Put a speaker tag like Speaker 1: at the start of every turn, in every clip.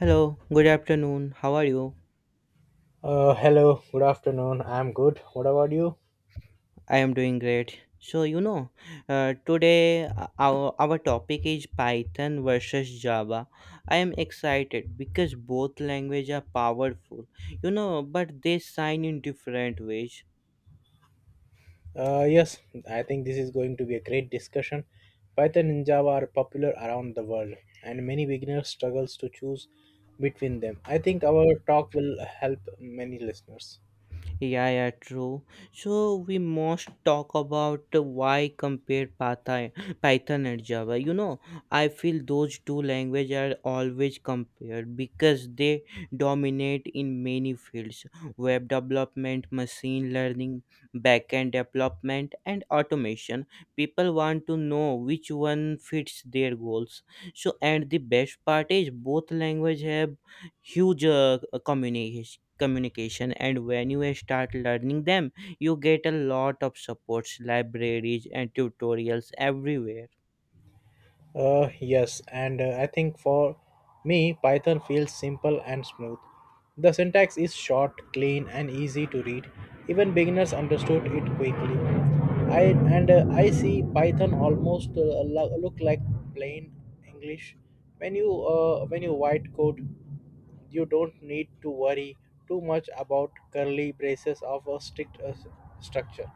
Speaker 1: Hello, good afternoon. How are you?
Speaker 2: Hello, good afternoon. I'm good. What about you?
Speaker 1: I am doing great. So, today our topic is Python versus Java. I am excited because both languages are powerful, but they shine in different ways.
Speaker 2: Yes, I think this is going to be a great discussion. Python and Java are popular around the world, and many beginners struggles to choose between them. I think our talk will help many listeners.
Speaker 1: Yeah, yeah, true. So we must talk about why compare Python and Java. You know, I feel those two languages are always compared because they dominate in many fields: web development, machine learning, backend development, and automation. People want to know which one fits their goals. So, and the best part is both languages have huge communication and when you start learning them you get a lot of supports libraries and tutorials everywhere.
Speaker 2: Yes, and I think for me, Python feels simple and smooth. The syntax is short, clean, and easy to read. Even beginners understood it quickly. I I see Python almost look like plain English. When you white code, you don't need to worry too much about curly braces of a strict structure.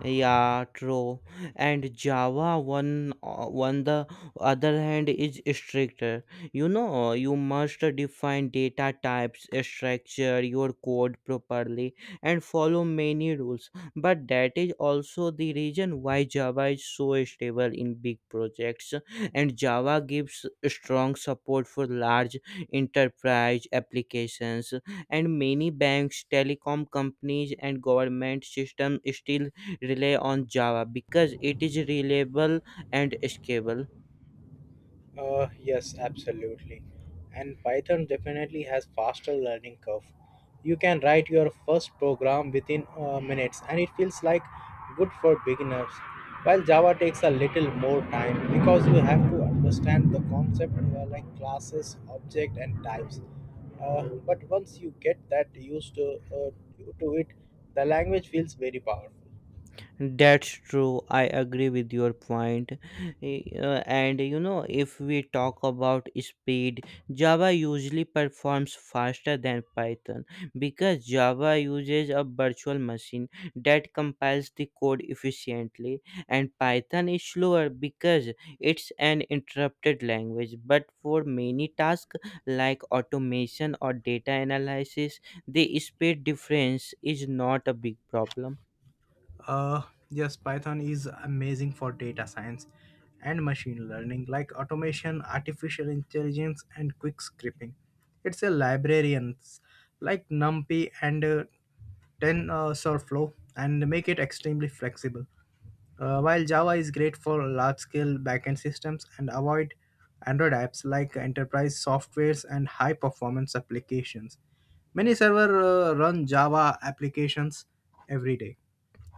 Speaker 1: Yeah, true. And Java one on the other hand is stricter. You know, you must define data types, structure your code properly, and follow many rules. But that is also the reason why Java is so stable in big projects, and Java gives strong support for large enterprise applications. And many banks, telecom companies, and government systems still rely on java because it is reliable and scalable.
Speaker 2: Yes, absolutely. And Python definitely has faster learning curve. You can write your first program within minutes and it feels like good for beginners. While Java takes a little more time because you have to understand the concept like classes, object and types. But once you get that used to it, the language feels very powerful.
Speaker 1: That's true. I agree with your point. Eh, and you know, if we talk about speed, Java usually performs faster than Python because Java uses a virtual machine that compiles the code efficiently, and Python is slower because it's an interrupted language. But for many tasks like automation or data analysis, the speed difference is not a big problem.
Speaker 2: Uh, yes, Python is amazing for data science and machine learning, like automation, artificial intelligence, and quick scripting. It's a librarians like NumPy and 10 Sorflow and make it extremely flexible. While Java is great for large scale backend systems and avoid Android apps like enterprise softwares and high performance applications. Many servers run Java applications every day.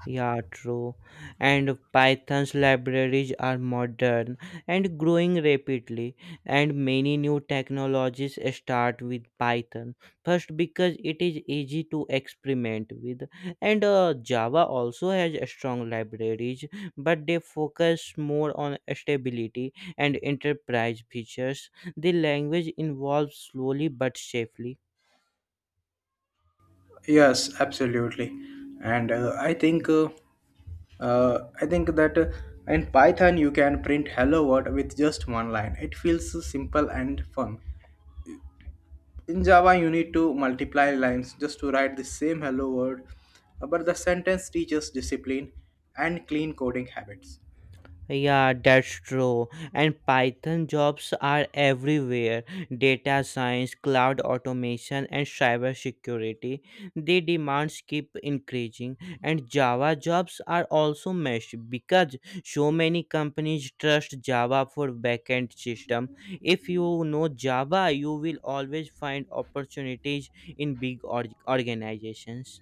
Speaker 1: Yeah, true. And Python's libraries are modern and growing rapidly, and many new technologies start with Python. First, because it is easy to experiment with, and Java also has strong libraries, but they focus more on stability and enterprise features. The language evolves slowly but safely.
Speaker 2: Yes, absolutely. And I think I think that in Python you can print hello world with just one line. It feels simple and fun. In Java you need to multiply lines just to write the same hello world, but the sentence teaches discipline and clean coding habits.
Speaker 1: Yeah, that's true. And Python jobs are everywhere. Data science, cloud automation, and cybersecurity. The demands keep increasing. And Java jobs are also meshed because so many companies trust Java for backend system. If you know Java, you will always find opportunities in big organizations.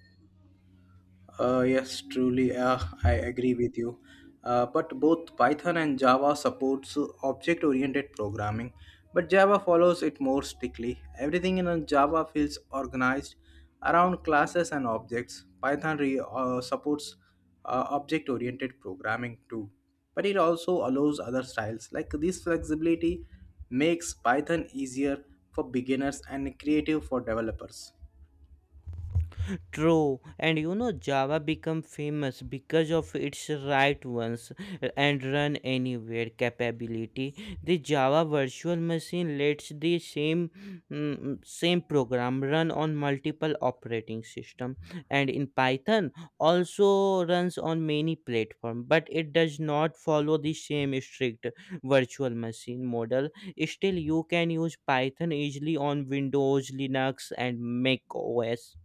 Speaker 2: Yes, truly, I agree with you. But both Python and Java supports object-oriented programming, but Java follows it more strictly. Everything in a Java feels organized around classes and objects. Python supports object-oriented programming too, but it also allows other styles. Like this flexibility makes Python easier for beginners and creative for developers.
Speaker 1: True, and you know Java become famous because of its write once and run anywhere capability. The Java virtual machine lets the same program run on multiple operating system, and in Python also runs on many platform, but it does not follow the same strict virtual machine model. Still, you can use Python easily on Windows, Linux, and Mac OS.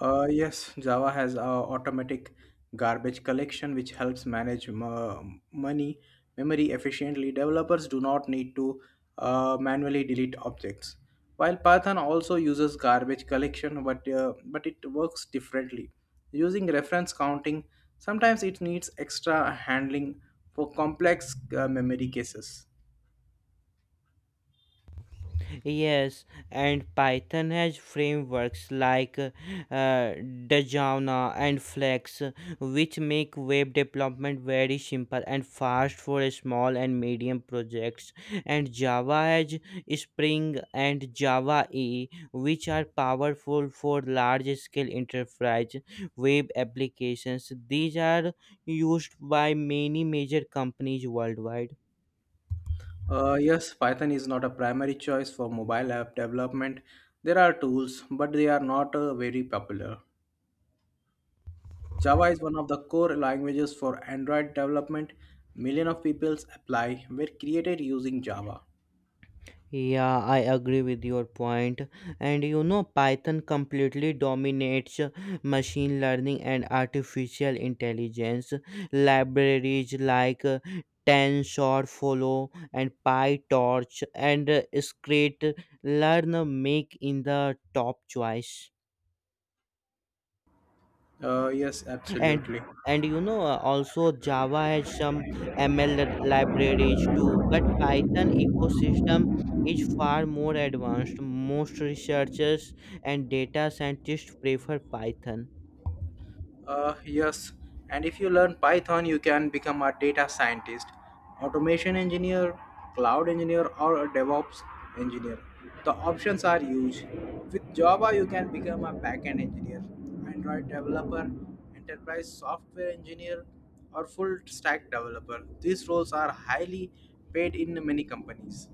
Speaker 2: Yes, Java has a automatic garbage collection which helps manage m- money memory efficiently. Developers do not need to manually delete objects. While Python also uses garbage collection, but it works differently. Using reference counting, sometimes it needs extra handling for complex memory cases.
Speaker 1: Yes, and Python has frameworks like uh, Dajana and Flex, which make web development very simple and fast for small and medium projects. And Java has Spring and Java EE, which are powerful for large-scale enterprise web applications. These are used by many major companies worldwide.
Speaker 2: Yes, Python is not a primary choice for mobile app development. There are tools, but they are not very popular. Java is one of the core languages for Android development. Millions of people apply were created using Java.
Speaker 1: Yeah, I agree with your point. And you know, Python completely dominates machine learning and artificial intelligence. Libraries like TensorFlow and PyTorch and Scikit-learn make in the top choice.
Speaker 2: Yes,
Speaker 1: and
Speaker 2: absolutely.
Speaker 1: and you know also java has some libraries too but python ecosystem is far more advanced most researchers and data scientists prefer python.
Speaker 2: Yes, and if you learn Python, you can become a data scientist, automation engineer, cloud engineer, or a DevOps engineer. The options are huge. With Java, you can become a backend engineer, Android developer, enterprise software engineer, or full stack developer. These roles are highly paid in many companies.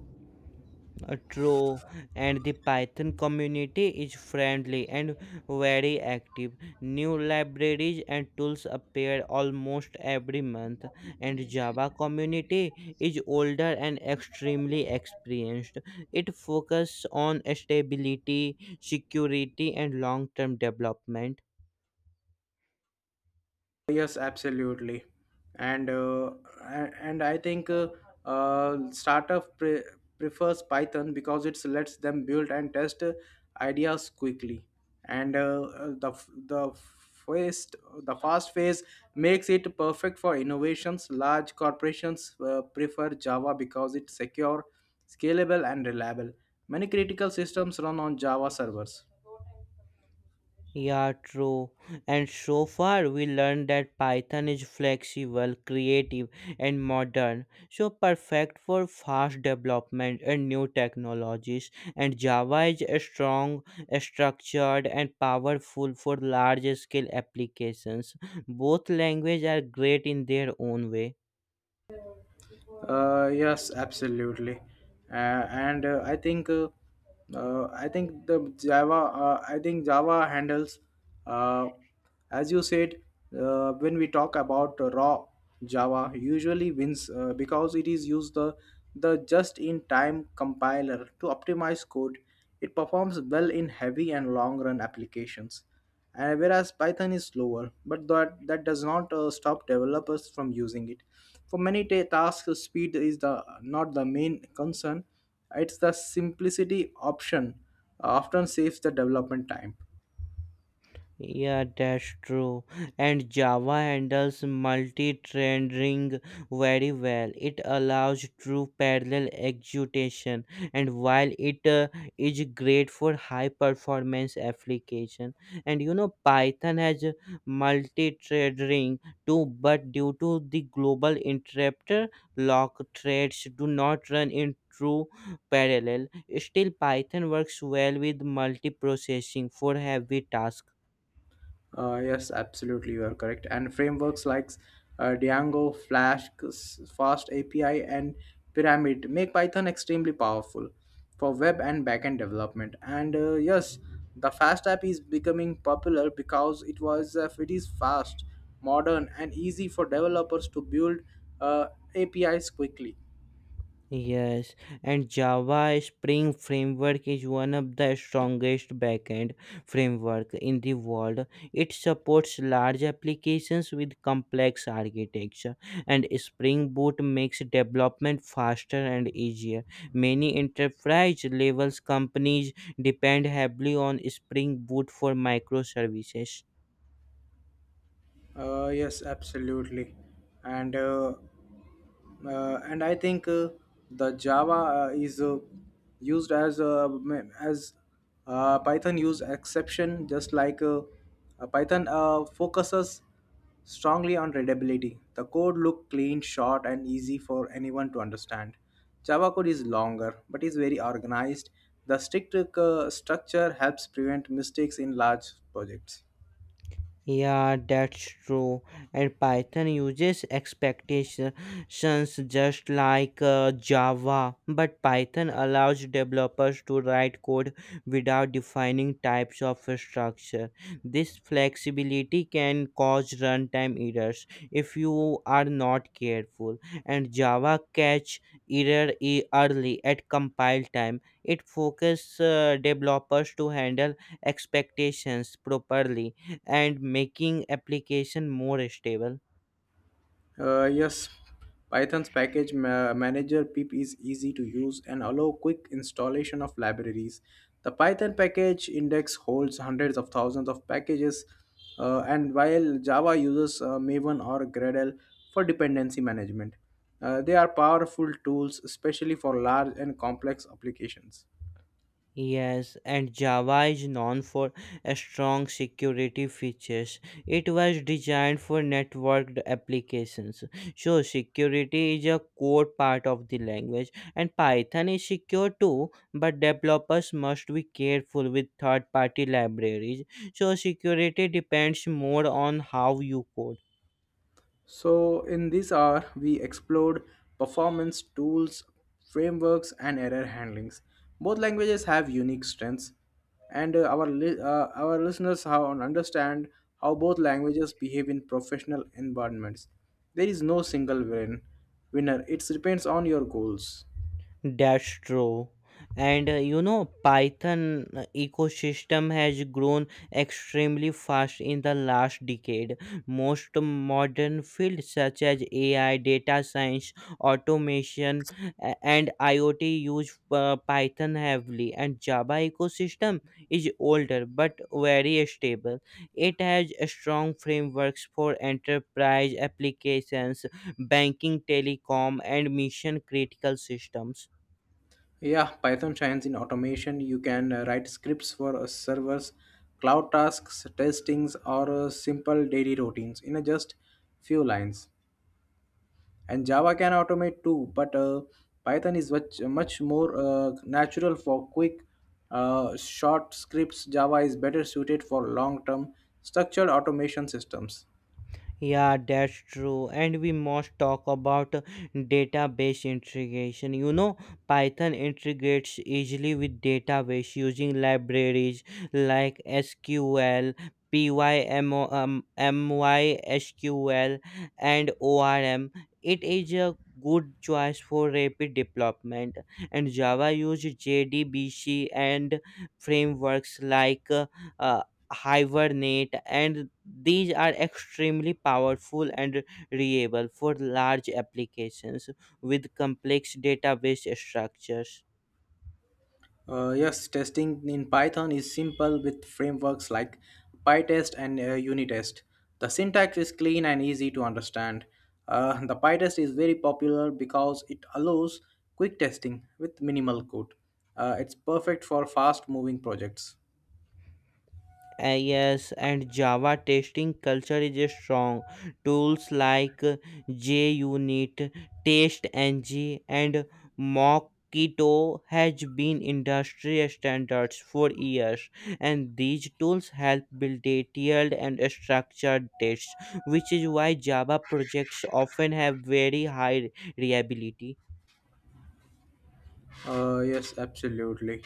Speaker 1: True, and the Python community is friendly and very active. New libraries and tools appear almost every month, and Java community is older and extremely experienced. It focuses on stability, security, and long-term development.
Speaker 2: Yes, absolutely. And uh, a- and i think uh, uh, startup prefers Python because it lets them build and test ideas quickly. And fast the fast phase makes it perfect for innovations. Large corporations prefer Java because it's secure, scalable, and reliable. Many critical systems run on Java servers.
Speaker 1: Yeah, true. And so far, we learned that Python is flexible, creative, and modern, so perfect for fast development and new technologies. And Java is a strong, a structured, and powerful for large scale applications. Both languages are great in their own way.
Speaker 2: Yes, absolutely. Uh, and I think the Java I think Java handles, uh, as you said, when we talk about raw, Java usually wins because it is used the just in time compiler to optimize code. It performs well in heavy and long run applications. Whereas Python is slower, but that does not stop developers from using it. For many tasks, speed is the not the main concern. It's the simplicity option often saves the development time.
Speaker 1: Yeah, that's true. And Java handles multi-threading very well. It allows true parallel execution, and while it is great for high-performance application, and you know Python has multi-threading too, but due to the global interrupter, lock threads do not run in true parallel. Still, Python works well with multiprocessing for heavy tasks.
Speaker 2: Yes, absolutely, you are correct. And frameworks like Django, Flask, Fast API, and Pyramid make Python extremely powerful for web and backend development. And yes, the Fast app is becoming popular because it is fast, modern, and easy for developers to build uh, APIs quickly.
Speaker 1: Yes, and Java Spring Framework is one of the strongest backend framework in the world. It supports large applications with complex architecture, and Spring Boot makes development faster and easier. Many enterprise levels companies depend heavily on Spring Boot for microservices.
Speaker 2: Yes, absolutely. And uh, and I think the Java is used as Python use exception, just like Python focuses strongly on readability. The code look clean, short, and easy for anyone to understand. Java code is longer, but is very organized. The strict structure helps prevent mistakes in large projects.
Speaker 1: Yeah, that's true. And Python uses expectations just like Java, but Python allows developers to write code without defining types of structure. This flexibility can cause runtime errors if you are not careful. And Java catch early at compile time. It focuses developers to handle expectations properly and making application more stable.
Speaker 2: Yes, Python's package manager pip is easy to use and allow quick installation of libraries. The Python package index holds hundreds of thousands of packages, and while Java uses Maven or Gradle for dependency management, they are powerful tools, especially for large and complex applications.
Speaker 1: Yes, and Java is known for a strong security features. It was designed for networked applications. So security is a core part of the language and Python is secure too, but developers must be careful with third party libraries. So security depends more on how you code.
Speaker 2: So, in this hour, we explored performance tools, frameworks, and error handlings. Both languages have unique strengths, and our listeners how understand how both languages behave in professional environments. There is no single winner. It depends on your goals.
Speaker 1: That's true. And you know, Python ecosystem has grown extremely fast in the last decade. Most modern fields such as AI, data science, automation, and IoT use Python heavily. And Java ecosystem is older but very stable. It has strong frameworks for enterprise applications, banking, telecom, and mission critical systems.
Speaker 2: Yeah, Python shines in automation. You can write scripts for servers, cloud tasks, testings, or simple daily routines in a just few lines. And Java can automate too, but Python is much, much more natural for quick, short scripts. Java is better suited for long term structured automation systems.
Speaker 1: Yeah, that's true. And we must talk about database integration. You know, Python integrates easily with database using libraries like SQL, MySQL, and ORM. It is a good choice for rapid development. And Java uses JDBC and frameworks like uh, hibernate and these are extremely powerful and reliable for large applications with complex database structures.
Speaker 2: Yes, testing in Python is simple with frameworks like pytest and unitest. The syntax is clean and easy to understand. The pytest is very popular because it allows quick testing with minimal code. It's perfect for fast moving projects.
Speaker 1: Yes, and Java testing culture is strong. Tools like JUnit, TestNG, and Mockito has been industry standards for years, and these tools help build detailed and structured tests, which is why Java projects often have very high reliability.
Speaker 2: Yes, absolutely.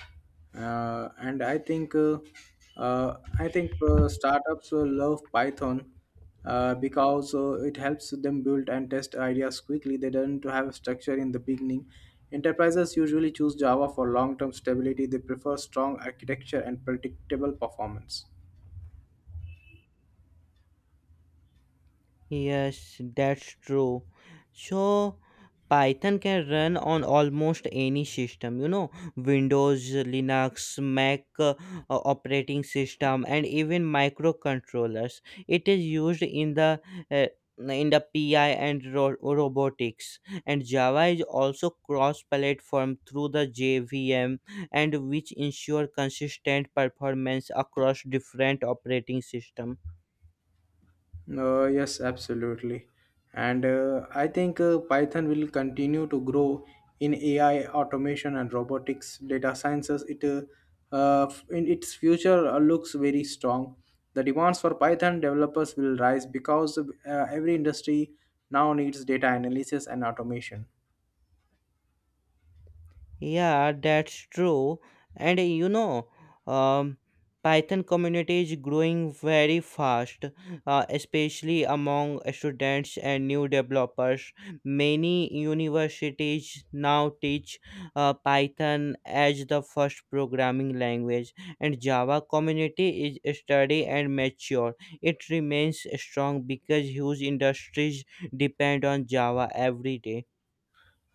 Speaker 2: And I think startups will love Python because it helps them build and test ideas quickly. They don't have a structure in the beginning. Enterprises usually choose Java for long-term stability. They prefer strong architecture and predictable performance.
Speaker 1: Yes, that's true. So Python can run on almost any system, you know, Windows, Linux, Mac operating system, and even microcontrollers. It is used uh, in the PI and robotics, and Java is also cross-platform through the JVM, and which ensure consistent performance across different operating system.
Speaker 2: Yes, absolutely. And I think Python will continue to grow in AI, automation, and robotics, data sciences. In its future looks very strong. The demands for Python developers will rise because every industry now needs data analysis and automation.
Speaker 1: Yeah, that's true. And you know, um, Python community is growing very fast, especially among students and new developers. Many universities now teach Python as the first programming language, and Java community is steady and mature. It remains strong because huge industries depend on Java every day.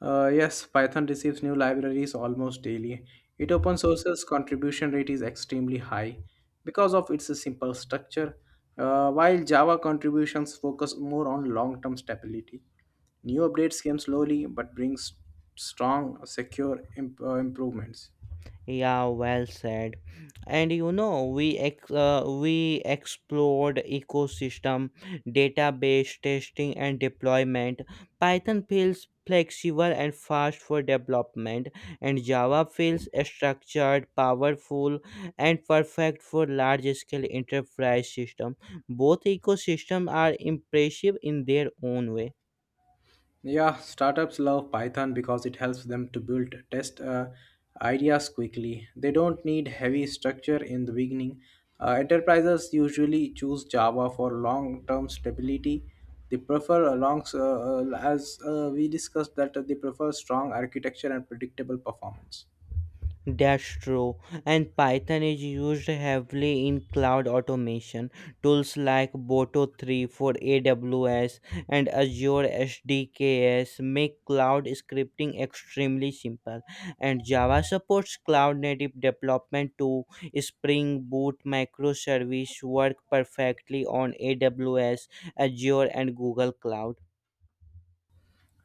Speaker 2: Yes, Python receives new libraries almost daily. It open sources contribution rate is extremely high because of its simple structure, while Java contributions focus more on long-term stability. New updates came slowly but brings strong, secure improvements.
Speaker 1: Yeah, well said. And you know, we explored ecosystem, database testing, and deployment. Python feels flexible and fast for development, and Java feels structured, powerful, and perfect for large-scale enterprise system. Both ecosystems are impressive in their own way.
Speaker 2: Yeah, startups love Python because it helps them to build test ideas quickly. They don't need heavy structure in the beginning. Enterprises usually choose Java for long-term stability. They prefer, as we discussed, that they prefer strong architecture and predictable performance.
Speaker 1: Dastro, and Python is used heavily in cloud automation. Tools like Boto 3 for AWS and Azure SDKs make cloud scripting extremely simple. And Java supports cloud native development too. Spring Boot microservice work perfectly on AWS, Azure, and Google Cloud.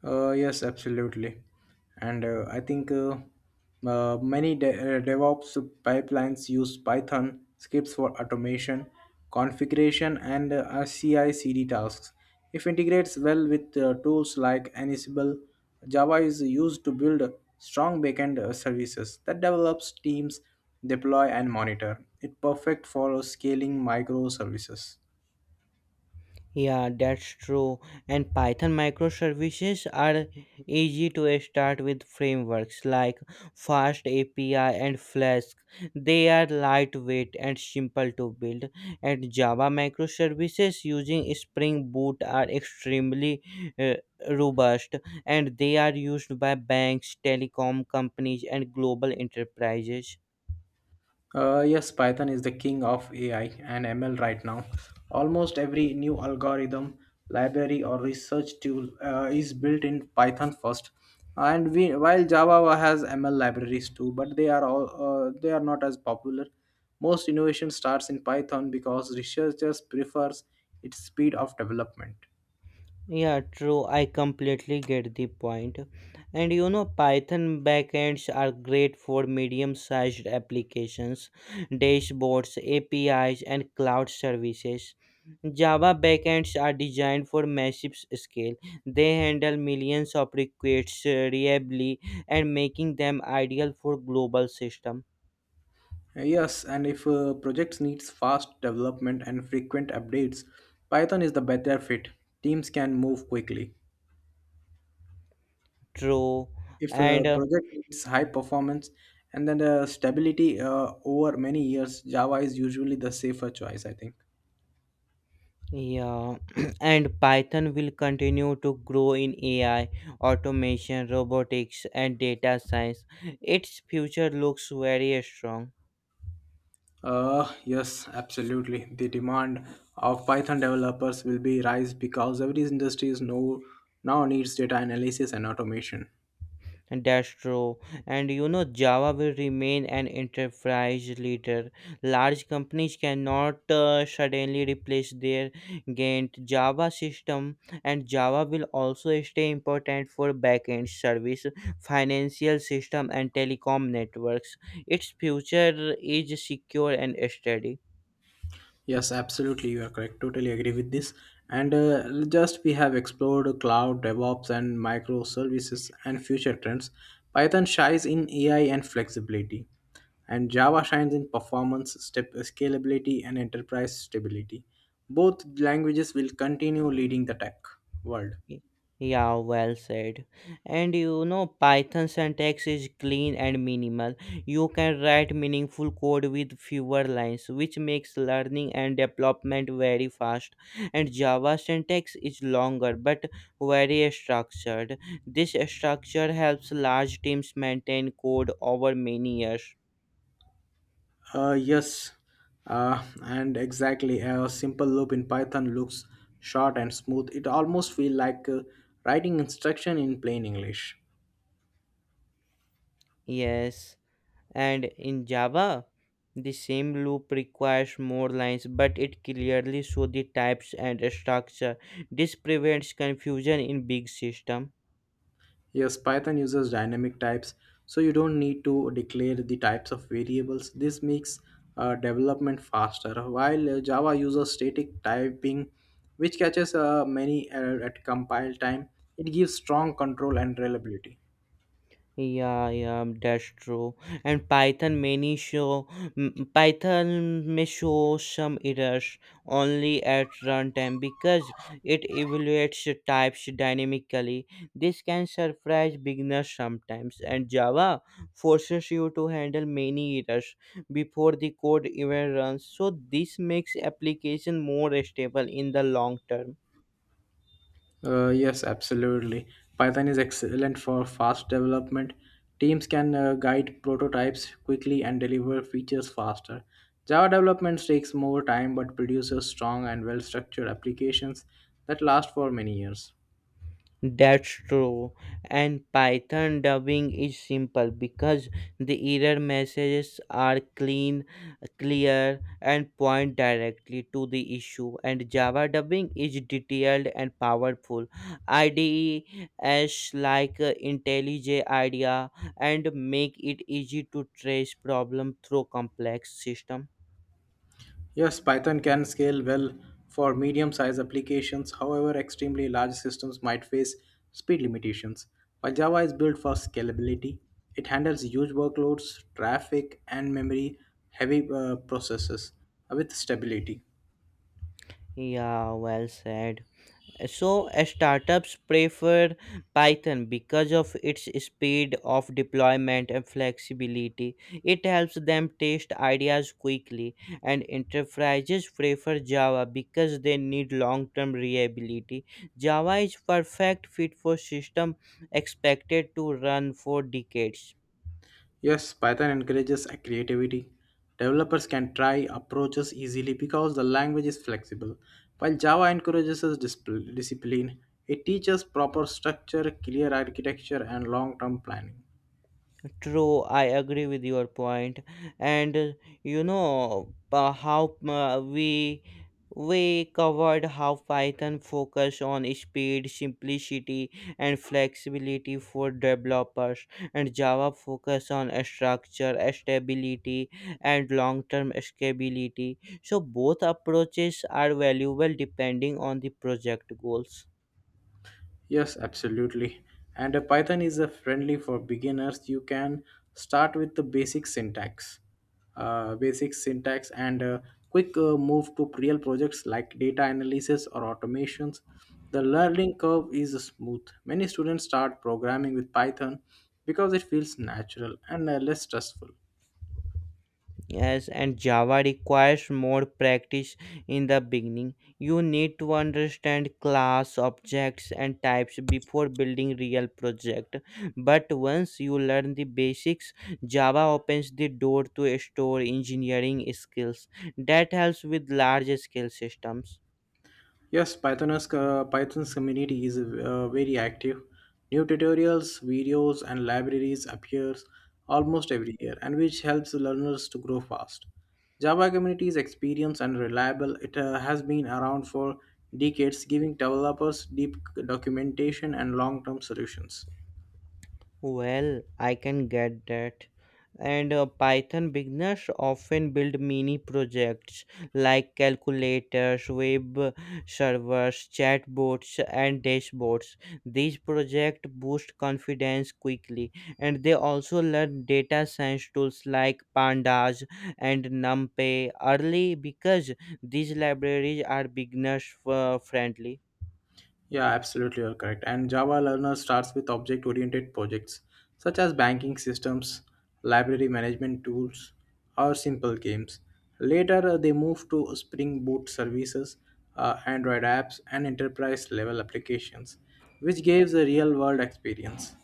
Speaker 2: Yes, absolutely. And I think many DevOps pipelines use Python scripts for automation, configuration, and CI/CD tasks. If integrates well with tools like Ansible. Java is used to build strong backend services that develops teams deploy and monitor. It's perfect for scaling microservices.
Speaker 1: Yeah, that's true. And Python microservices are easy to start with frameworks like Fast API and Flask. They are lightweight and simple to build. And Java microservices using Spring Boot are extremely uh, robust and they are used by banks, telecom companies, and global enterprises.
Speaker 2: Yes, Python is the king of AI and ML right now. Almost every new algorithm, library, or research tool is built in Python first. While Java has ML libraries too, but they are not as popular. Most innovation starts in Python because researchers prefers its speed of development.
Speaker 1: Yeah, true. I completely get the point. And you know, Python backends are great for medium-sized applications, dashboards, APIs, and cloud services. Java backends are designed for massive scale. They handle millions of requests reliably and making them ideal for global system.
Speaker 2: Yes, and if projects needs fast development and frequent updates, Python is the better fit. Teams can move quickly.
Speaker 1: True.
Speaker 2: If a
Speaker 1: And
Speaker 2: project needs high performance and then the stability over many years, Java is usually the safer choice, I think.
Speaker 1: Yeah, and Python will continue to grow in AI, automation, robotics, and data science. Its future looks very strong.
Speaker 2: Yes, absolutely. The demand of Python developers will be rise because every industry is now needs data analysis and automation.
Speaker 1: That's true. And you know, Java will remain an enterprise leader. Large companies cannot suddenly replace their Gantt Java system, and Java will also stay important for backend service, financial system, and telecom networks. Its future is secure and steady.
Speaker 2: Yes, absolutely. You are correct. Totally agree with this. And just we have explored cloud, DevOps, and microservices and future trends. Python shines in AI and flexibility, and Java shines in performance, step scalability, and enterprise stability. Both languages will continue leading the tech world.
Speaker 1: Yeah, well said. And you know, Python syntax is clean and minimal. You can write meaningful code with fewer lines, which makes learning and development very fast. And Java syntax is longer but very structured. This structure helps large teams maintain code over many years.
Speaker 2: Yes, and exactly. A simple loop in Python looks short and smooth. It almost feels like writing instruction in plain English.
Speaker 1: Yes. And in Java, the same loop requires more lines, but it clearly shows the types and structure. This prevents confusion in big system.
Speaker 2: Yes, Python uses dynamic types, so you don't need to declare the types of variables. This makes development faster, while Java uses static typing, which catches many error at compile time. It gives strong control and reliability.
Speaker 1: Yeah, yeah, that's true. And Python may show some errors only at runtime because it evaluates the types dynamically. This can surprise beginners sometimes, and Java forces you to handle many errors before the code even runs. So this makes application more stable in the long term.
Speaker 2: Yes, absolutely. Python is excellent for fast development. Teams can guide prototypes quickly and deliver features faster. Java development takes more time but produces strong and well structured applications that last for many years.
Speaker 1: That's true. And Python dubbing is simple because the error messages are clean, clear, and point directly to the issue. And Java dubbing is detailed and powerful. IDEs like IntelliJ IDEA and make it easy to trace problem through complex system.
Speaker 2: Yes, Python can scale well for medium sized applications. However, extremely large systems might face speed limitations. While Java is built for scalability, it handles huge workloads, traffic, and memory heavy processes with stability.
Speaker 1: Yeah, well said. So startups prefer Python because of its speed of deployment and flexibility. It helps them test ideas quickly, and enterprises prefer Java because they need long-term reliability. Java is perfect fit for system expected to run for decades.
Speaker 2: Yes, Python encourages creativity. Developers can try approaches easily because the language is flexible. While Java encourages us discipline, it teaches proper structure, clear architecture, and long term planning.
Speaker 1: True, I agree with your point. And you know how we covered how Python focus on speed, simplicity, and flexibility for developers, and Java focus on structure, stability, and long-term scalability. So both approaches are valuable depending on the project goals.
Speaker 2: Yes, absolutely. And a Python is a friendly for beginners. You can start with the basic syntax, and a quick move to real projects like data analysis or automations. The learning curve is smooth. Many students start programming with Python because it feels natural and less stressful.
Speaker 1: Yes, and Java requires more practice in the beginning. You need to understand class, objects, and types before building real project. But once you learn the basics, Java opens the door to store engineering skills. That helps with large scale systems.
Speaker 2: Yes, Python's community is very active. New tutorials, videos, and libraries appears almost every year, and which helps learners to grow fast. Java community is experienced and reliable. It has been around for decades, giving developers deep documentation and long-term solutions.
Speaker 1: Well, I can get that. And Python beginners often build mini projects like calculators, web servers, chatbots, and dashboards. These projects boost confidence quickly, and they also learn data science tools like Pandas and NumPy early because these libraries are beginners friendly.
Speaker 2: Yeah, absolutely, you're correct. And Java Learner starts with object oriented projects such as banking systems, library management tools, or simple games. Later, they move to Spring Boot services, Android apps, and enterprise level applications, which gives a real world experience.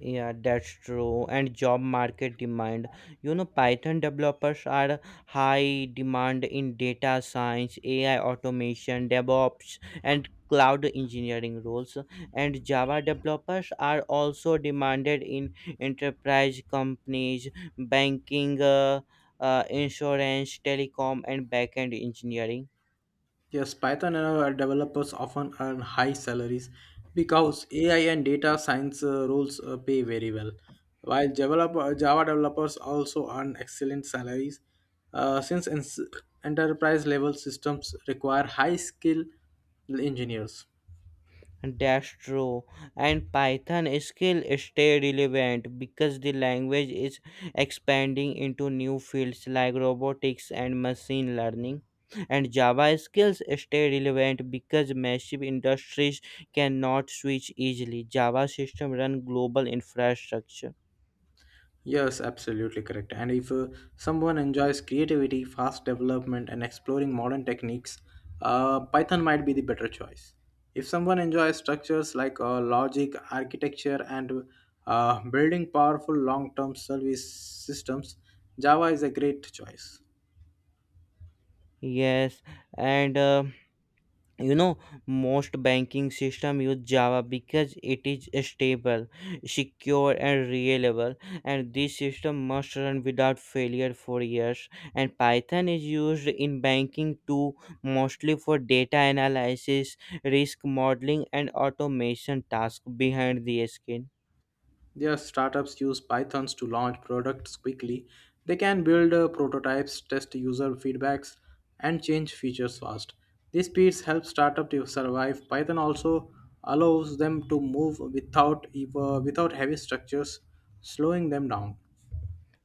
Speaker 1: Yeah, that's true. And job market demand. You know, Python developers are high demand in data science, AI automation, DevOps, and cloud engineering roles. And Java developers are also demanded in enterprise companies, banking, insurance, telecom, and backend engineering.
Speaker 2: Yes, Python and our developers often earn high salaries because AI and data science roles pay very well. While Java developers also earn excellent salaries, since enterprise level systems require high skill engineers.
Speaker 1: That's true. And Python is stay relevant because the language is expanding into new fields like robotics and machine learning. And Java skills stay relevant because massive industries cannot switch easily. Java system run global infrastructure.
Speaker 2: Yes, absolutely correct. And if someone enjoys creativity, fast development, and exploring modern techniques, Python might be the better choice. If someone enjoys structures like logic, architecture, and building powerful long term service systems, Java is a great choice.
Speaker 1: Yes, and you know most banking system use java because it is stable secure and reliable and this system must run without failure for years and python is used in banking too mostly for data analysis risk modeling and automation tasks behind the skin.
Speaker 2: Their startups use Pythons to launch products quickly. They can build prototypes, test user feedbacks, and change features fast. These speeds help startups to survive. Python also allows them to move without without heavy structures slowing them down.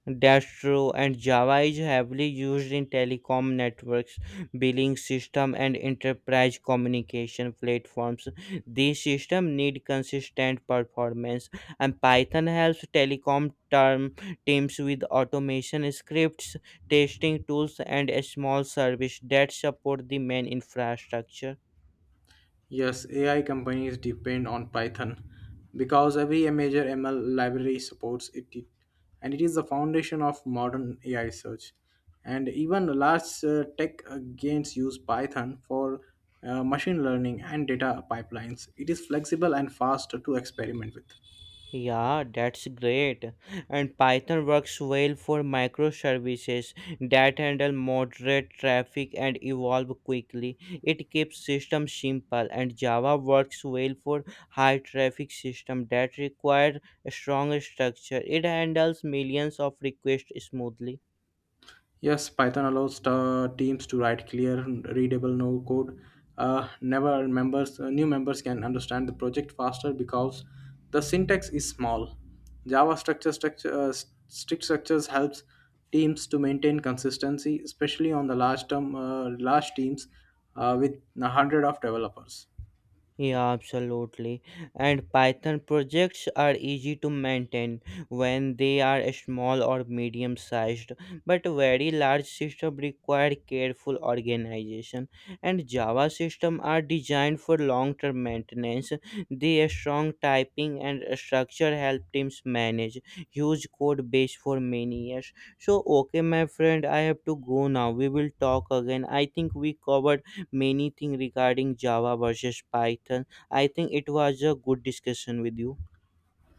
Speaker 1: That's true, and Java is heavily used in telecom networks, billing system, and enterprise communication platforms. These systems need consistent performance, and Python helps telecom term teams with automation scripts, testing tools, and a small service that support the main infrastructure.
Speaker 2: Yes, AI companies depend on Python because every major ML library supports it, and it is the foundation of modern AI search. And even large tech gains use Python for machine learning and data pipelines. It is flexible and fast to experiment with.
Speaker 1: Yeah, that's great. And Python works well for microservices that handle moderate traffic and evolve quickly. It keeps systems simple, and Java works well for high traffic systems that require a strong structure. It handles millions of requests smoothly.
Speaker 2: Yes, Python allows teams to write clear, readable no code. Never members, new members can understand the project faster because the syntax is small. Java strict structures helps teams to maintain consistency, especially on the large teams with a hundred of developers.
Speaker 1: Yeah, absolutely. And Python projects are easy to maintain when they are small or medium sized, but very large systems require careful organization. And Java systems are designed for long term maintenance. Their strong typing and structure help teams manage huge code base for many years. So, okay, my friend, I have to go now. We will talk again. I think we covered many things regarding Java versus Python. I think it was a good discussion with you.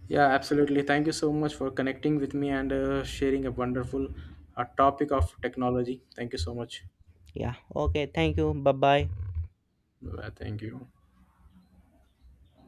Speaker 2: Yeah, absolutely. Thank you so much for connecting with me and sharing a wonderful topic of technology. Thank you so much.
Speaker 1: Yeah. Okay. Thank you. Bye bye.
Speaker 2: Bye-bye. Thank you.